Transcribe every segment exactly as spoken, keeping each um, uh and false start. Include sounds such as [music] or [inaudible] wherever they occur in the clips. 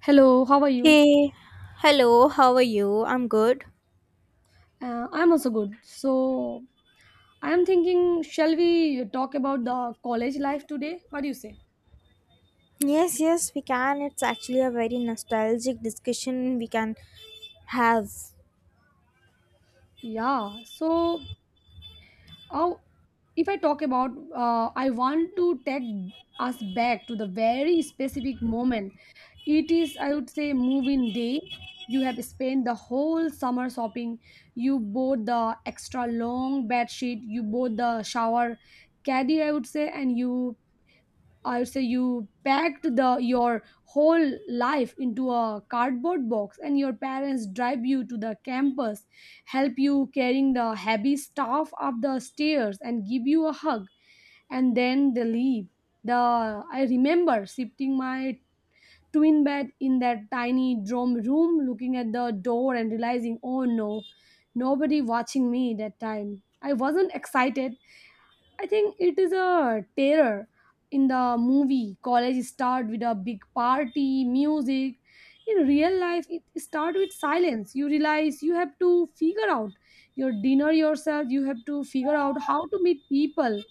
Hello, how are you? Hey, hello, how are you? I'm good. Uh, I'm also good. So, I am thinking, shall we talk about the college life today? What do you say? Yes, yes, we can. It's actually a very nostalgic discussion we can have. Yeah. So, how, if I talk about, uh, I want to take us back to the very specific moment. It is, I would say, move-in day. You have spent the whole summer shopping. You bought the extra long bed sheet. You bought the shower caddy, I would say, and you I would say you packed the your whole life into a cardboard box and your parents drive you to the campus, help you carrying the heavy stuff up the stairs and give you a hug and then they leave. The I remember shifting my twin bed in that tiny dorm room, looking at the door and realizing, oh no, nobody watching me that time. I wasn't excited. I think it is a terror. In the movie, college start with a big party, music. In real life, it start with silence. You realize you have to figure out your dinner yourself. You have to figure out how to meet people.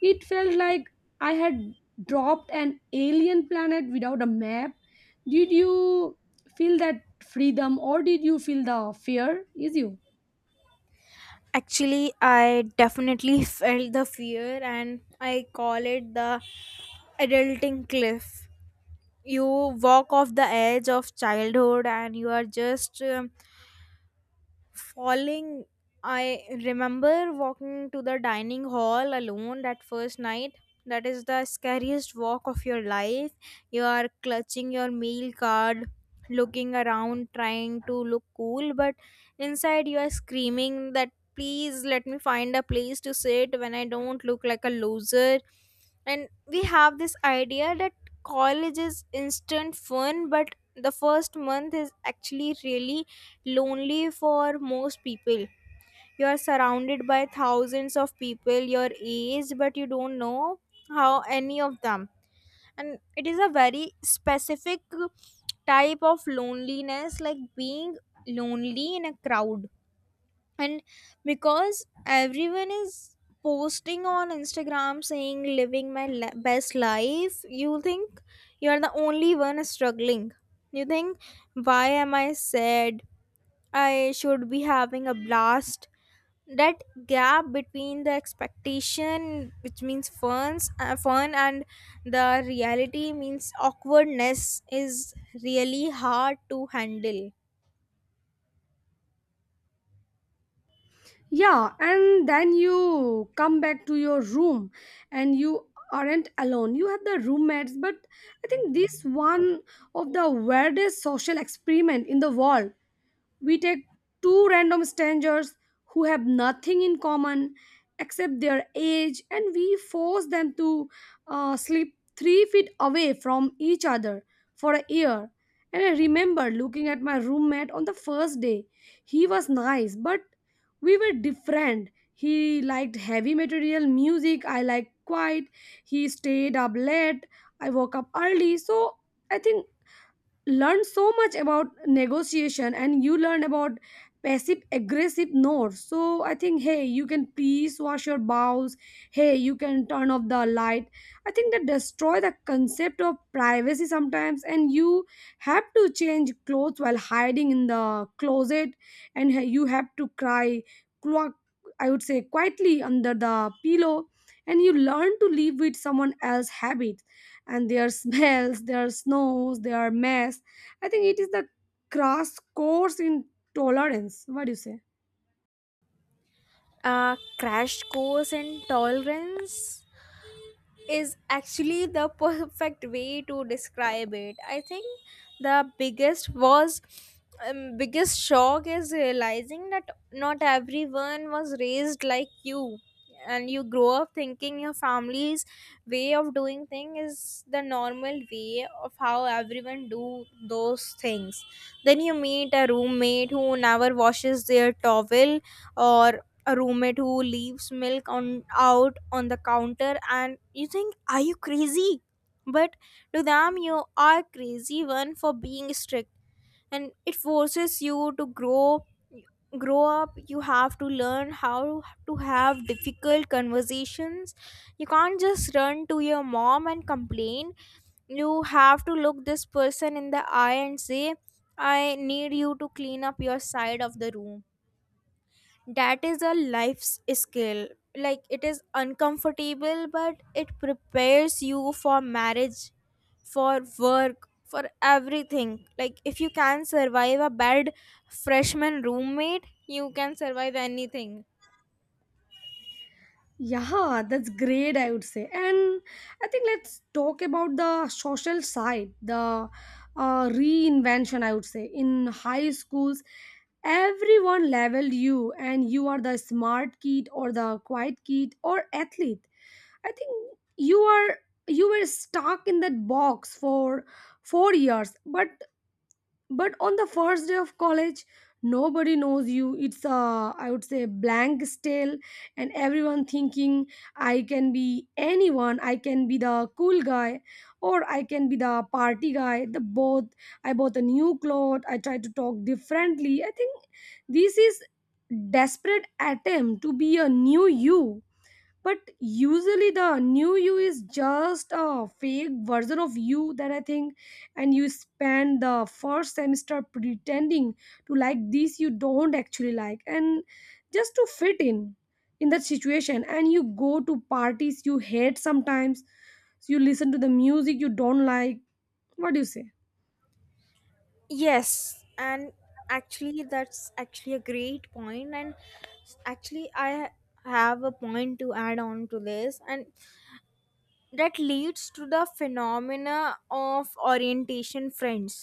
It felt like I had dropped an alien planet without a map. Did you feel that freedom or did you feel the fear? Is you? Actually, I definitely [laughs] felt the fear, and I call it the adulting cliff. You walk off the edge of childhood, and you are just um, falling. I remember walking to the dining hall alone that first night. That is the scariest walk of your life. You are clutching your meal card, looking around, trying to look cool, but inside you are screaming that please let me find a place to sit when I don't look like a loser. And we have this idea that college is instant fun, but the first month is actually really lonely for most people. You are surrounded by thousands of people your age, but you don't know how any of them. And it is a very specific type of loneliness, like being lonely in a crowd. And because everyone is posting on Instagram saying living my li- best life, you think you are the only one struggling. You think, why am I sad? I should be having a blast. That gap between the expectation, which means funs, uh, fun, and the reality means awkwardness, is really hard to handle. Yeah, and then you come back to your room and you aren't alone. You have the roommates, but I think this one of the weirdest social experiment in the world. We take two random strangers who have nothing in common except their age and we force them to uh, sleep three feet away from each other for a year. And I remember looking at my roommate on the first day. He was nice, but we were different. He liked heavy material music, I liked quiet. He stayed up late, I woke up early. So I think learn so much about negotiation and you learn about passive aggressive notes, so I think, hey, you can please wash your bowels, hey, you can turn off the light. I think that destroy the concept of privacy sometimes and you have to change clothes while hiding in the closet and hey, you have to cry clock, I would say, quietly under the pillow and you learn to live with someone else's habit and their smells, their snows, their mess. I think it is the crass course in tolerance. What do you say? A crash course in tolerance is actually the perfect way to describe it. I think the biggest was um, biggest shock is realizing that not everyone was raised like you, and you grow up thinking your family's way of doing thing is the normal way of how everyone do those things. Then you meet a roommate who never washes their towel, or a roommate who leaves milk on out on the counter, and you think, are you crazy? But to them you are crazy one for being strict, and it forces you to grow grow up. You have to learn how to have difficult conversations. You can't just run to your mom and complain. You have to look this person in the eye and say, I need you to clean up your side of the room. That is a life's skill. Like, it is uncomfortable, but it prepares you for marriage, for work, for everything. Like, if you can survive a bad freshman roommate, you can survive anything. Yeah, that's great, I would say. And I think let's talk about the social side, the uh, reinvention, I would say. In high schools, everyone leveled you, and you are the smart kid, or the quiet kid, or athlete. I think you are you were stuck in that box for four years, but but on the first day of college nobody knows you. It's a, I would say, blank stale, and everyone thinking I can be anyone, I can be the cool guy or I can be the party guy, the both. I bought a new cloth, I try to talk differently. I think this is desperate attempt to be a new you, but usually the new you is just a fake version of you, that I think. And you spend the first semester pretending to like this you don't actually like and just to fit in in that situation, and you go to parties you hate sometimes, so you listen to the music you don't like. What do you say? Yes, and actually that's actually a great point, and actually i ha- have a point to add on to this. And that leads to the phenomena of orientation friends.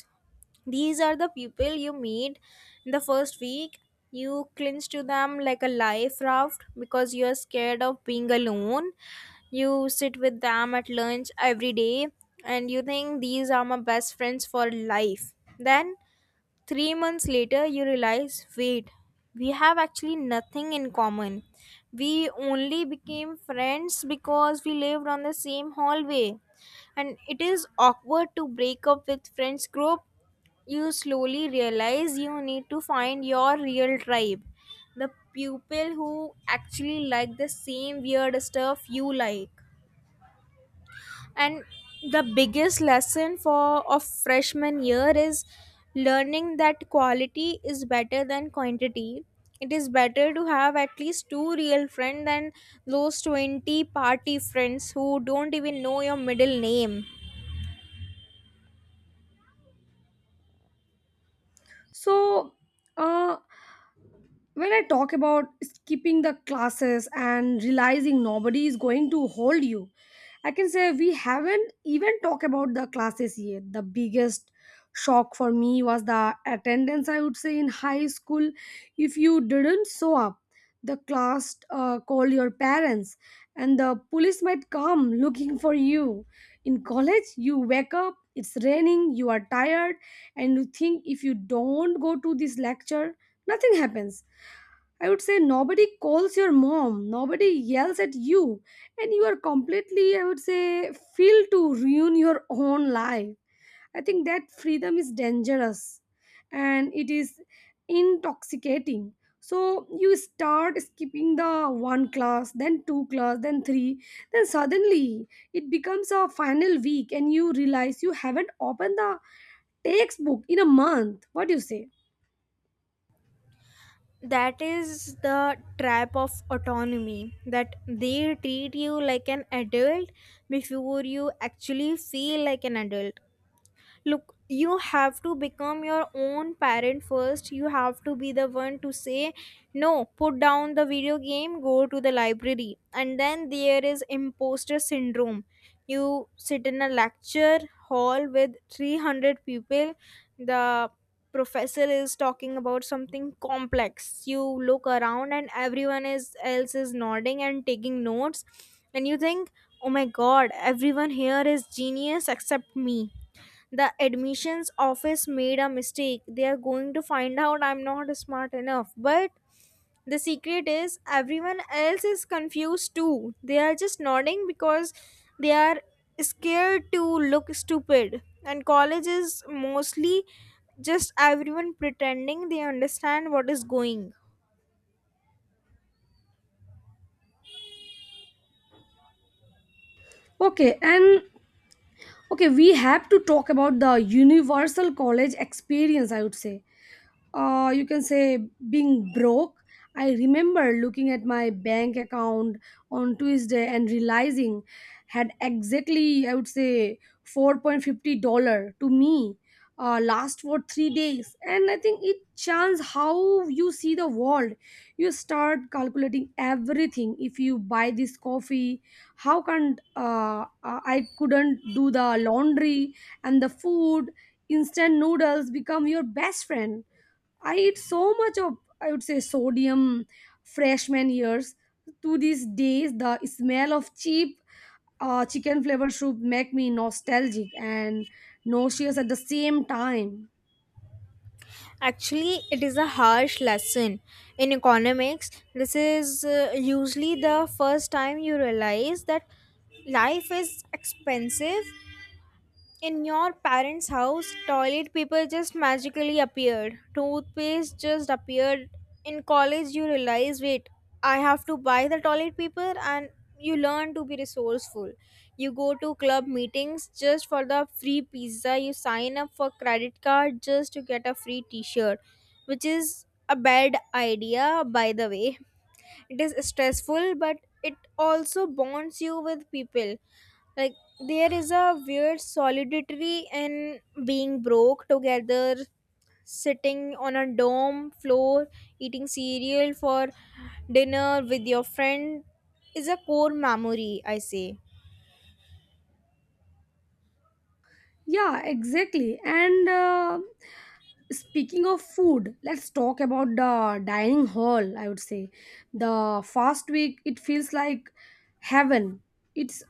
These are the people you meet in the first week. You cling to them like a life raft because you are scared of being alone. You sit with them at lunch every day, and you think these are my best friends for life. Then three months later you realize, wait, we have actually nothing in common. We only became friends because we lived on the same hallway, and it is awkward to break up with friends group. You slowly realize you need to find your real tribe, the people who actually like the same weird stuff you like. And the biggest lesson for of freshman year is learning that quality is better than quantity. It is better to have at least two real friends than those twenty party friends who don't even know your middle name. So uh when I talk about skipping the classes and realizing nobody is going to hold you, I can say we haven't even talked about the classes yet. The biggest shock for me was the attendance, I would say, in high school. If you didn't show up, the class uh, call your parents and the police might come looking for you. In college, you wake up, it's raining, you are tired, and you think if you don't go to this lecture, nothing happens. I would say nobody calls your mom, nobody yells at you, and you are completely, I would say, feel to ruin your own life. I think that freedom is dangerous and it is intoxicating. So you start skipping the one class, then two class, then three, then suddenly it becomes a final week and you realize you haven't opened the textbook in a month. What do you say? That is the trap of autonomy, that they treat you like an adult before you actually feel like an adult. Look, you have to become your own parent first. You have to be the one to say no, put down the video game, go to the library. And then there is imposter syndrome. You sit in a lecture hall with three hundred people. The professor is talking about something complex. You look around, and everyone is else is nodding and taking notes, and you think, oh my god, everyone here is genius except me. The admissions office made a mistake. They are going to find out I'm not smart enough. But the secret is everyone else is confused too. They are just nodding because they are scared to look stupid, and college is mostly just everyone pretending they understand what is going. Okay, and okay, we have to talk about the universal college experience, I would say. Uh, you can say being broke. I remember looking at my bank account on Tuesday and realizing had exactly, I would say, four fifty dollar to me, uh, last for three days, and I think it changes how you see the world. You start calculating everything. If you buy this coffee, how can uh, uh, I couldn't do the laundry and the food. Instant noodles become your best friend. I eat so much of, I would say, sodium freshman years. To these days, the smell of cheap uh, chicken flavored soup make me nostalgic and nauseous at the same time. Actually, it is a harsh lesson. In economics, this is uh, usually the first time you realize that life is expensive. In your parents' house, toilet paper just magically appeared. Toothpaste just appeared. In college, you realize, wait, I have to buy the toilet paper, and you learn to be resourceful. You go to club meetings just for the free pizza. You sign up for credit card just to get a free t shirt, which is a bad idea, by the way. It is stressful, but it also bonds you with people. Like, there is a weird solidity in being broke together, sitting on a dorm floor eating cereal for dinner with your friend is a core memory, I say. Yeah, exactly. And uh, speaking of food, let's talk about the dining hall, I would say. The fast week it feels like heaven. It's,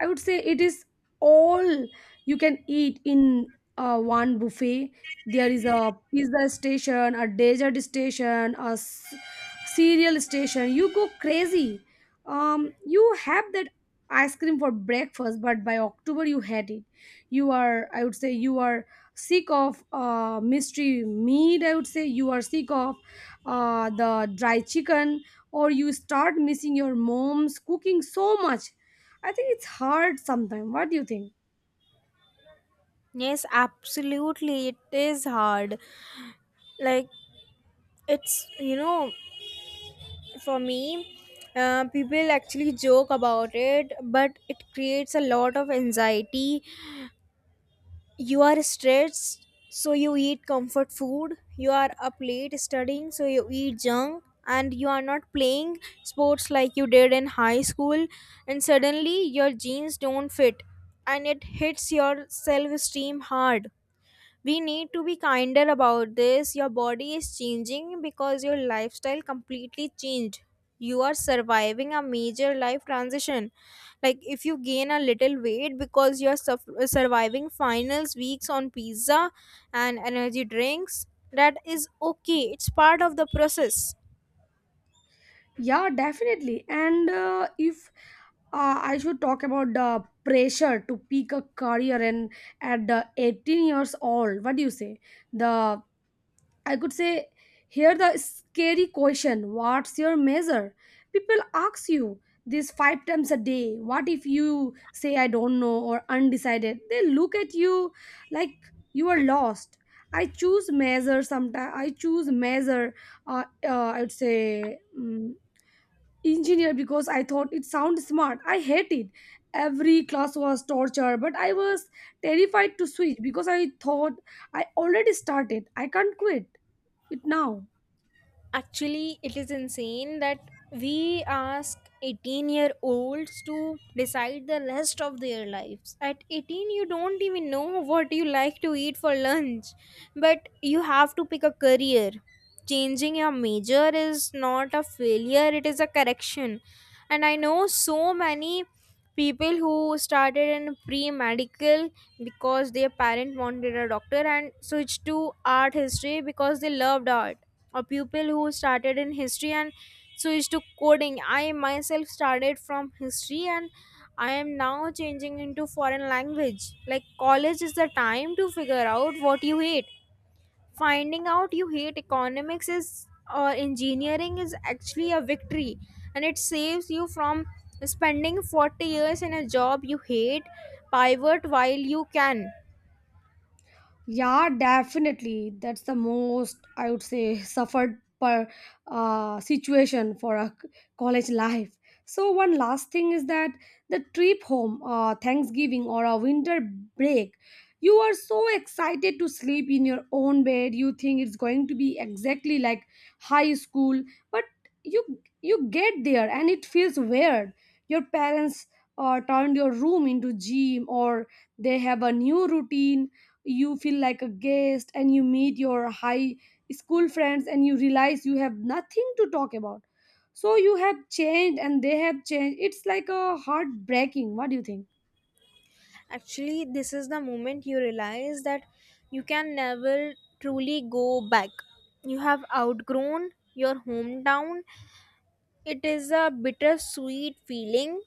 I would say, it is all you can eat in uh, one buffet. There is a pizza station, a dessert station, a s- cereal station, you go crazy. Um, you have that ice cream for breakfast, but by October you had it. You are, I would say, you are sick of uh, mystery meat, I would say you are sick of uh, the dry chicken, or you start missing your mom's cooking so much. I think it's hard sometimes. What do you think? Yes, absolutely, it is hard. Like, it's, you know, for me, uh, people actually joke about it, but it creates a lot of anxiety. You are stressed, so you eat comfort food. You are up late studying, so you eat junk, and you are not playing sports like you did in high school, and suddenly your jeans don't fit, and it hits your self esteem hard. We need to be kinder about this. Your body is changing because your lifestyle completely changed. You are surviving a major life transition. Like, if you gain a little weight because you're suf- surviving finals weeks on pizza and energy drinks, that is okay. It's part of the process. Yeah, definitely. And uh, if uh, I should talk about the pressure to pick a career and at the eighteen years old. What do you say? The I could say, here the scary question, what's your measure? People ask you this five times a day. What if you say, I don't know, or undecided? They look at you like you are lost. I choose measure sometimes. I choose measure, uh, uh, I would say, um, engineer, because I thought it sounds smart. I hate it. Every class was torture, but I was terrified to switch because I thought I already started. I can't quit it now. Actually, it is insane that we ask eighteen year olds to decide the rest of their lives at eighteen. You don't even know what you like to eat for lunch, but you have to pick a career. Changing your major is not a failure, it is a correction. And I know so many people who started in pre-medical because their parent wanted a doctor, and switched to art history because they loved art. A pupil who started in history and switched to coding. I myself started from history and I am now changing into foreign language. Like, college is the time to figure out what you hate. Finding out you hate economics is or engineering is actually a victory, and it saves you from spending forty years in a job you hate. Pivot while you can. Yeah, definitely, that's the most, I would say, suffered per uh, situation for a c- college life. So one last thing is that the trip home, uh, Thanksgiving or a winter break. You are so excited to sleep in your own bed. You think it's going to be exactly like high school, but you you get there and it feels weird. Your parents uh, turned your room into gym or they have a new routine. You feel like a guest, and you meet your high school friends and you realize you have nothing to talk about. So you have changed and they have changed. It's like a heartbreaking. What do you think? Actually, this is the moment you realize that you can never truly go back. You have outgrown your hometown. It is a bittersweet feeling.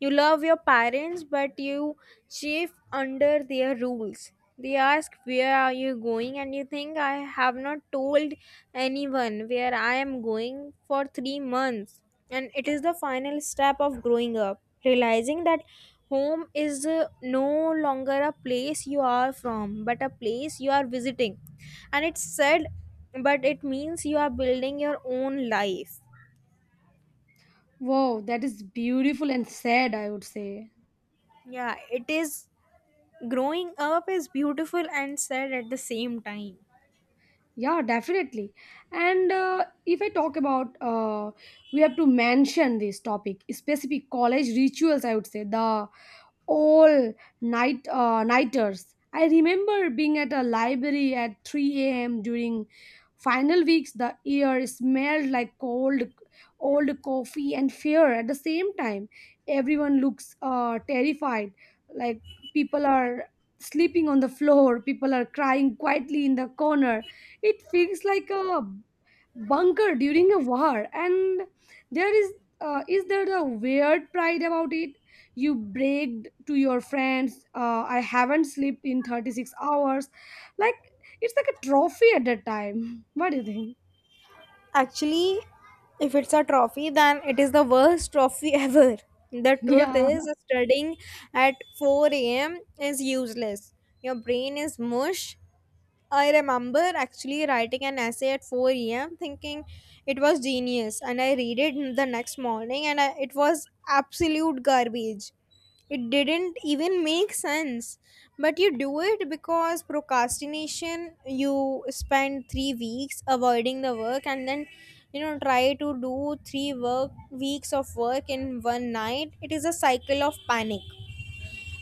You love your parents, but you chafe under their rules. They ask, where are you going? And you think, I have not told anyone where I am going for three months. And it is the final step of growing up, realizing that home is uh, no longer a place you are from, but a place you are visiting. And it's sad, but it means you are building your own life. Wow, that is beautiful and sad, I would say. Yeah, it is. Growing up is beautiful and sad at the same time. Yeah, definitely. And uh, if I talk about, uh, we have to mention this topic specific college rituals, I would say, the all night uh, nighters. I remember being at a library at three a m during final weeks. The air smelled like cold, old coffee and fear at the same time. Everyone looks uh, terrified. Like people are sleeping on the floor, people are crying quietly in the corner. It feels like a bunker during a war, and there is uh, is there the weird pride about it. You bragged to your friends, uh, I haven't slept in thirty-six hours. Like it's like a trophy at that time. [laughs] What do you think? Actually, if it's a trophy, then it is the worst trophy [laughs] ever. The truth Yeah. is, studying at four a m is useless. Your brain is mush. I remember actually writing an essay at four a m thinking it was genius, and I read it the next morning, and I, it was absolute garbage. It didn't even make sense. But you do it because procrastination, you spend three weeks avoiding the work, and then, you know, try to do three work weeks of work in one night. It is a cycle of panic.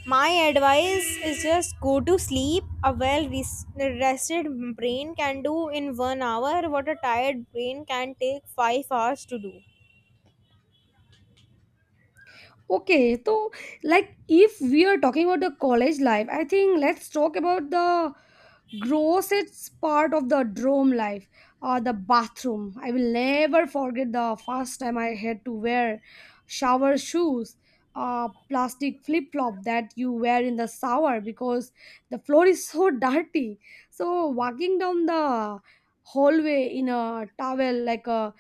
My advice is just go to sleep. A well res- rested brain can do in one hour what a tired brain can take five hours to do. Okay, so like if we are talking about the college life, I think let's talk about the grossest part of the dorm life, uh, the bathroom. I will never forget the first time I had to wear shower shoes, uh, plastic flip flop that you wear in the shower because the floor is so [laughs] dirty. So walking down the hallway in a towel like a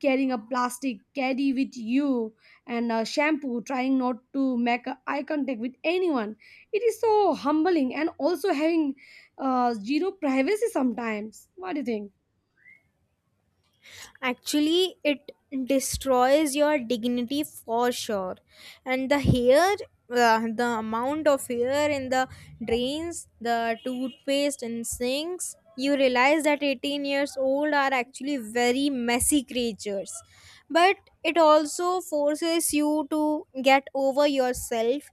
carrying a plastic caddy with you and a shampoo, trying not to make a eye contact with anyone. It is so humbling, and also having uh, zero privacy sometimes. What do you think? Actually, it destroys your dignity for sure. And the hair, uh, the amount of hair in the drains, the toothpaste and sinks, you realize that eighteen years old are actually very messy creatures. But it also forces you to get over yourself.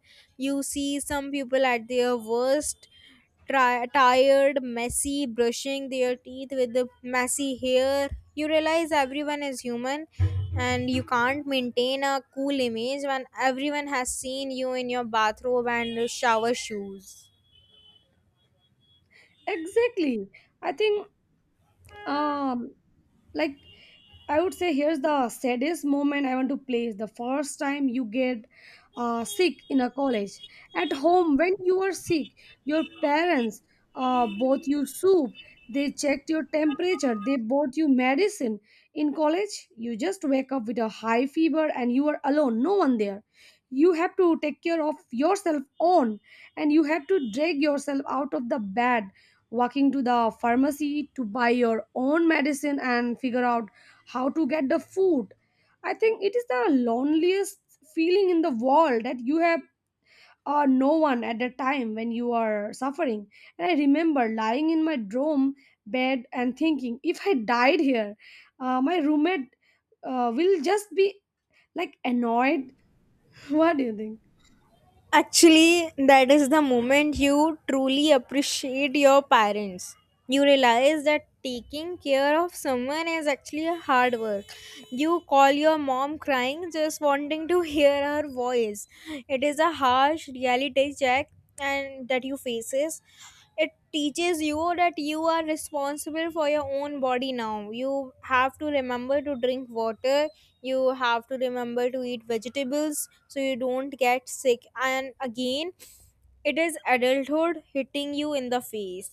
You see some people at their worst, tri- tired, messy, brushing their teeth with the messy hair. You realize everyone is human, and you can't maintain a cool image when everyone has seen you in your bathrobe and shower shoes. Exactly. I think um like I would say here's the saddest moment, I want to place the first time you get uh, sick in a college. At home when you were sick, your parents uh, bought you soup, they checked your temperature, they bought you medicine. In college you just wake up with a high fever and you are alone, no one there. You have to take care of yourself on, and you have to drag yourself out of the bed, walking to the pharmacy to buy your own medicine and figure out how to get the food. I think it is the loneliest feeling in the world that you have uh, no one at the time when you are suffering. And I remember lying in my dorm bed and thinking, if I died here, uh, my roommate uh, will just be like annoyed. [laughs] What do you think? Actually, that is the moment you truly appreciate your parents. You realize that taking care of someone is actually a hard work. You call your mom crying, just wanting to hear her voice. It is a harsh reality check, and that you faces it teaches you that you are responsible for your own body now. You have to remember to drink water, you have to remember to eat vegetables so you don't get sick. And again, it is adulthood hitting you in the face.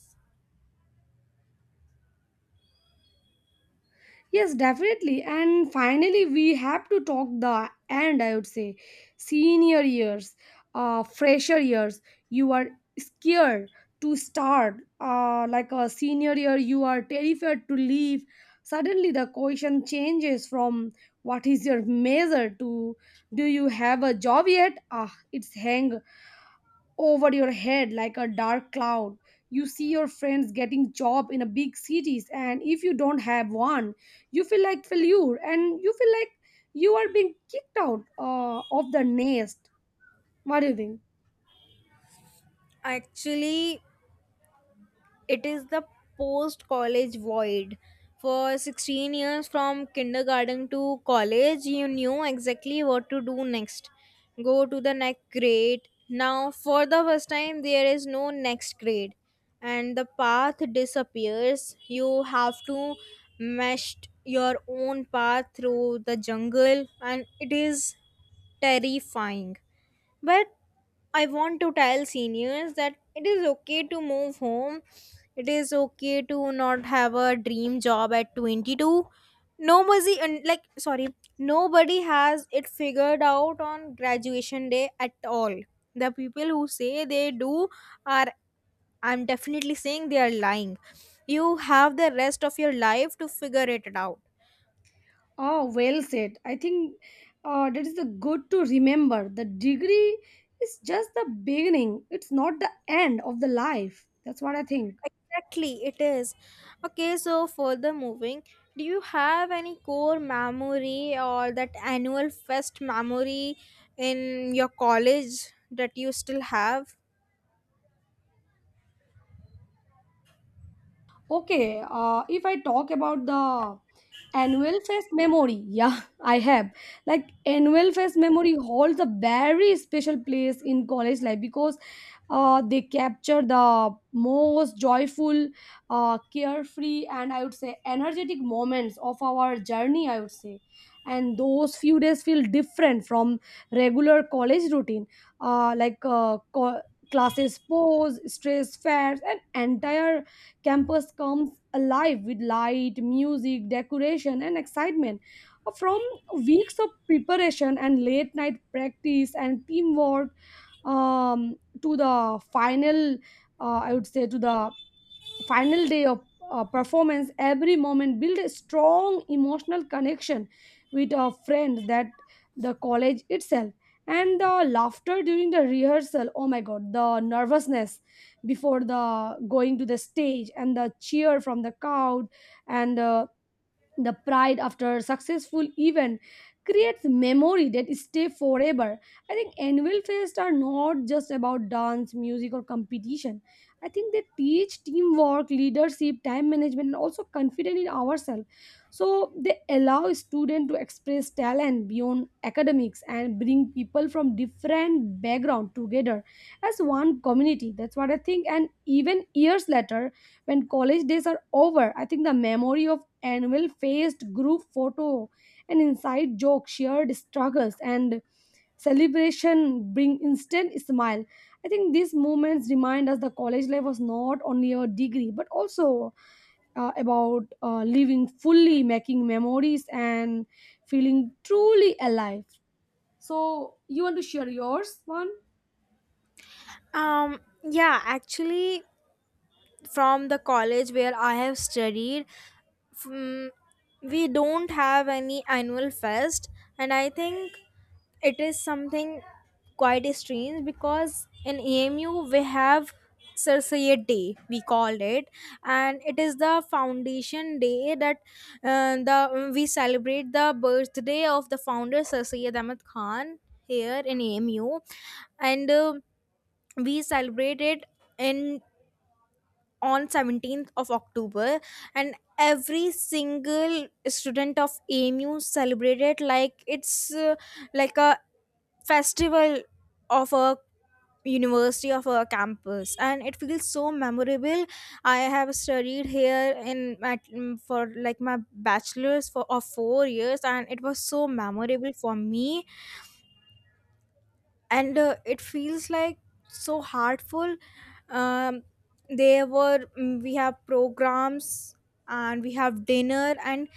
Yes, definitely. And finally, we have to talk the end, I would say. Senior years, uh, fresher years, you are scared to start. Uh, like a senior year, you are terrified to leave. Suddenly, the question changes from what is your major to do you have a job yet? Ah, it's hang over your head like a dark cloud. You see your friends getting job in a big cities, and if you don't have one, you feel like failure and you feel like you are being kicked out uh, of the nest. What do you think? Actually, it is the post college void. For sixteen years from kindergarten to college, you knew exactly what to do next. Go to the next grade. Now, for the first time, there is no next grade, and the path disappears. You have to meshed your own path through the jungle, and it is terrifying. But I want to tell seniors that it is okay to move home. It is okay to not have a dream job at twenty-two. Nobody and like sorry, Nobody has it figured out on graduation day at all. The people who say they do are I'm definitely saying they are lying. You have the rest of your life to figure it out. Oh, well said. I think uh, that is the good to remember. The degree is just the beginning. It's not the end of the life. That's what I think. Exactly, it is. Okay, so further moving, do you have any core memory or that annual fest memory in your college that you still have? Okay, uh, if I talk about the annual fest memory, yeah, I have like annual fest memory holds a very special place in college life because uh, they capture the most joyful, uh, carefree, and I would say energetic moments of our journey, I would say. And those few days feel different from regular college routine, uh, like uh, co- classes pause, stress fairs, and entire campus comes alive with light, music, decoration, and excitement. From weeks of preparation and late night practice and teamwork, um, to the final, uh, I would say, to the final day of uh, performance, every moment build a strong emotional connection with our friends, that the college itself, and the laughter during the rehearsal, oh my god, the nervousness before the going to the stage, and the cheer from the crowd, and uh, the pride after a successful event creates memory that stay forever. I think annual fests are not just about dance, music, or competition. I think they teach teamwork, leadership, time management, and also confidence in ourselves. So they allow students to express talent beyond academics and bring people from different background together as one community. That's what I think. And even years later, when college days are over, I think the memory of annual faced group photo and inside joke, shared struggles, and celebration bring instant smile. I think these moments remind us the college life was not only a degree but also uh, about uh, living fully, making memories, and feeling truly alive. So, you want to share yours one? Um, yeah, actually, from the college where I have studied, mm, we don't have any annual fest, and I think it is something quite strange because in A M U we have Sarasayat Day, we called it, and it is the foundation day that uh, the we celebrate the birthday of the founder Sir Syed Ahmad Khan here in A M U, and uh, we celebrate it in on seventeenth of October. And every single student of A M U celebrated like it's uh, like a festival of a university, of a campus, and it feels so memorable. I have studied here in my, mm, for like my bachelor's for of four years, and it was so memorable for me. And uh, it feels like so heartful. um, there were, mm, we have programs and we have dinner. And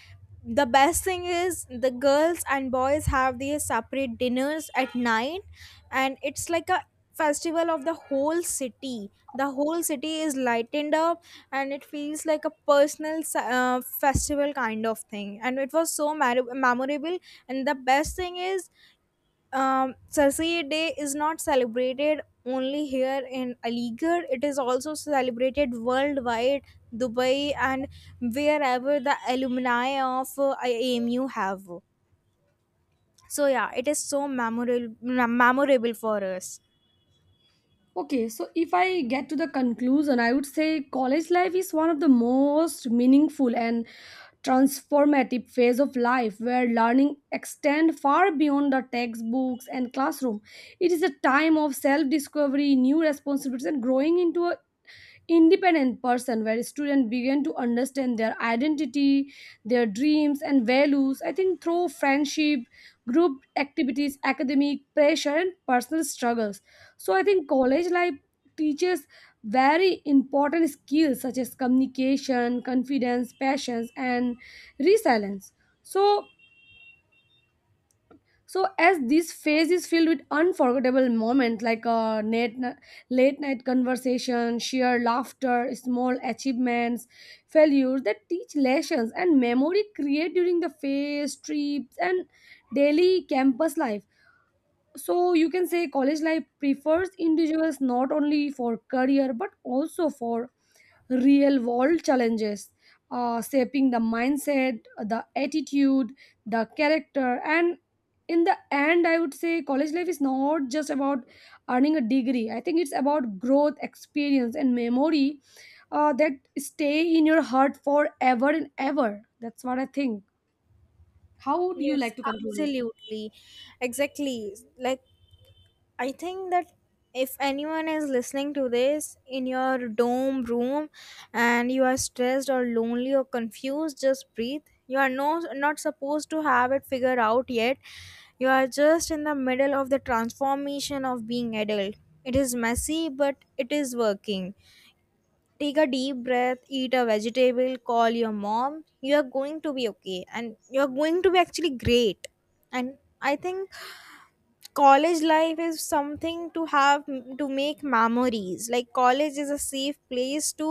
the best thing is the girls and boys have these separate dinners at night, and it's like a festival of the whole city. The whole city is lightened up, and it feels like a personal s- uh, festival kind of thing, and it was so mar- memorable. And the best thing is, um, Sarsi Day is not celebrated only here in Aligarh, it is also celebrated worldwide, Dubai, and wherever the alumni of uh, A M U have. So, yeah, it is so memorable, memorable for us. Okay, so if I get to the conclusion, I would say college life is one of the most meaningful and transformative phase of life, where learning extend far beyond the textbooks and classroom. It is a time of self-discovery, new responsibilities, and growing into a independent person, where students begin to understand their identity, their dreams, and values. I think through friendship, group activities, academic pressure, and personal struggles, so I think college life teaches very important skills such as communication, confidence, passions, and resilience. So so as this phase is filled with unforgettable moments like a late, late night conversation, sheer laughter, small achievements, failures that teach lessons, and memory create during the phase, trips, and daily campus life. So you can say college life prefers individuals not only for career but also for real world challenges, uh, shaping the mindset, the attitude, the character. And in the end, I would say college life is not just about earning a degree, I think it's about growth, experience, and memory uh, that stay in your heart forever and ever. That's what I think. How would you Yes, like to conclude it? absolutely. Exactly. Like, I think that if anyone is listening to this in your dome room and you are stressed or lonely or confused, just breathe. You are no, not supposed to have it figured out yet. You are just in the middle of the transformation of being adult. It is messy, but it is working. Take a deep breath, eat a vegetable, call your mom. You are going to be okay, and you are going to be actually great. And I think college life is something to have, to make memories. Like college is a safe place to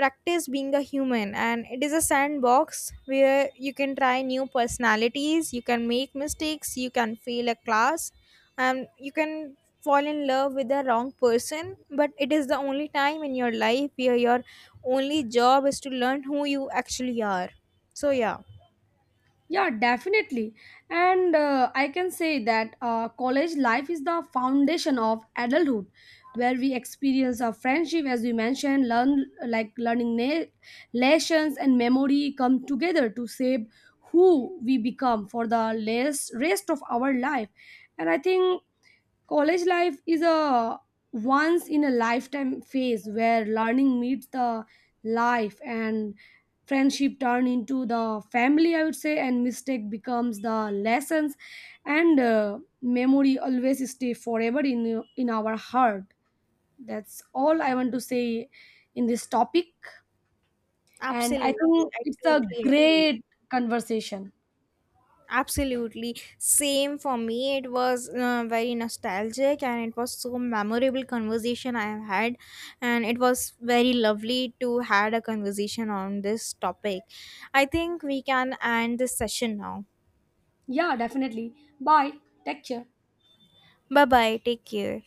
practice being a human, and it is a sandbox where you can try new personalities, you can make mistakes, you can fail a class, and you can fall in love with the wrong person. But it is the only time in your life where your only job is to learn who you actually are. So yeah, Yeah, definitely. And uh, I can say that uh, college life is the foundation of adulthood, where we experience our friendship, as we mentioned, learn like learning na- lessons and memory come together to shape who we become for the less rest of our life. And I think college life is a once in a lifetime phase where learning meets the life, and friendship turn into the family, I would say, and mistake becomes the lessons, and uh, memory always stay forever in in our heart. That's all I want to say in this topic. And I absolutely, think I it's a totally agree. great conversation. Absolutely. Same for me. It was uh, very nostalgic, and it was so memorable conversation I have had, and it was very lovely to had a conversation on this topic. I think we can end this session now. Yeah, definitely. Bye. Take care. Bye bye. Take care.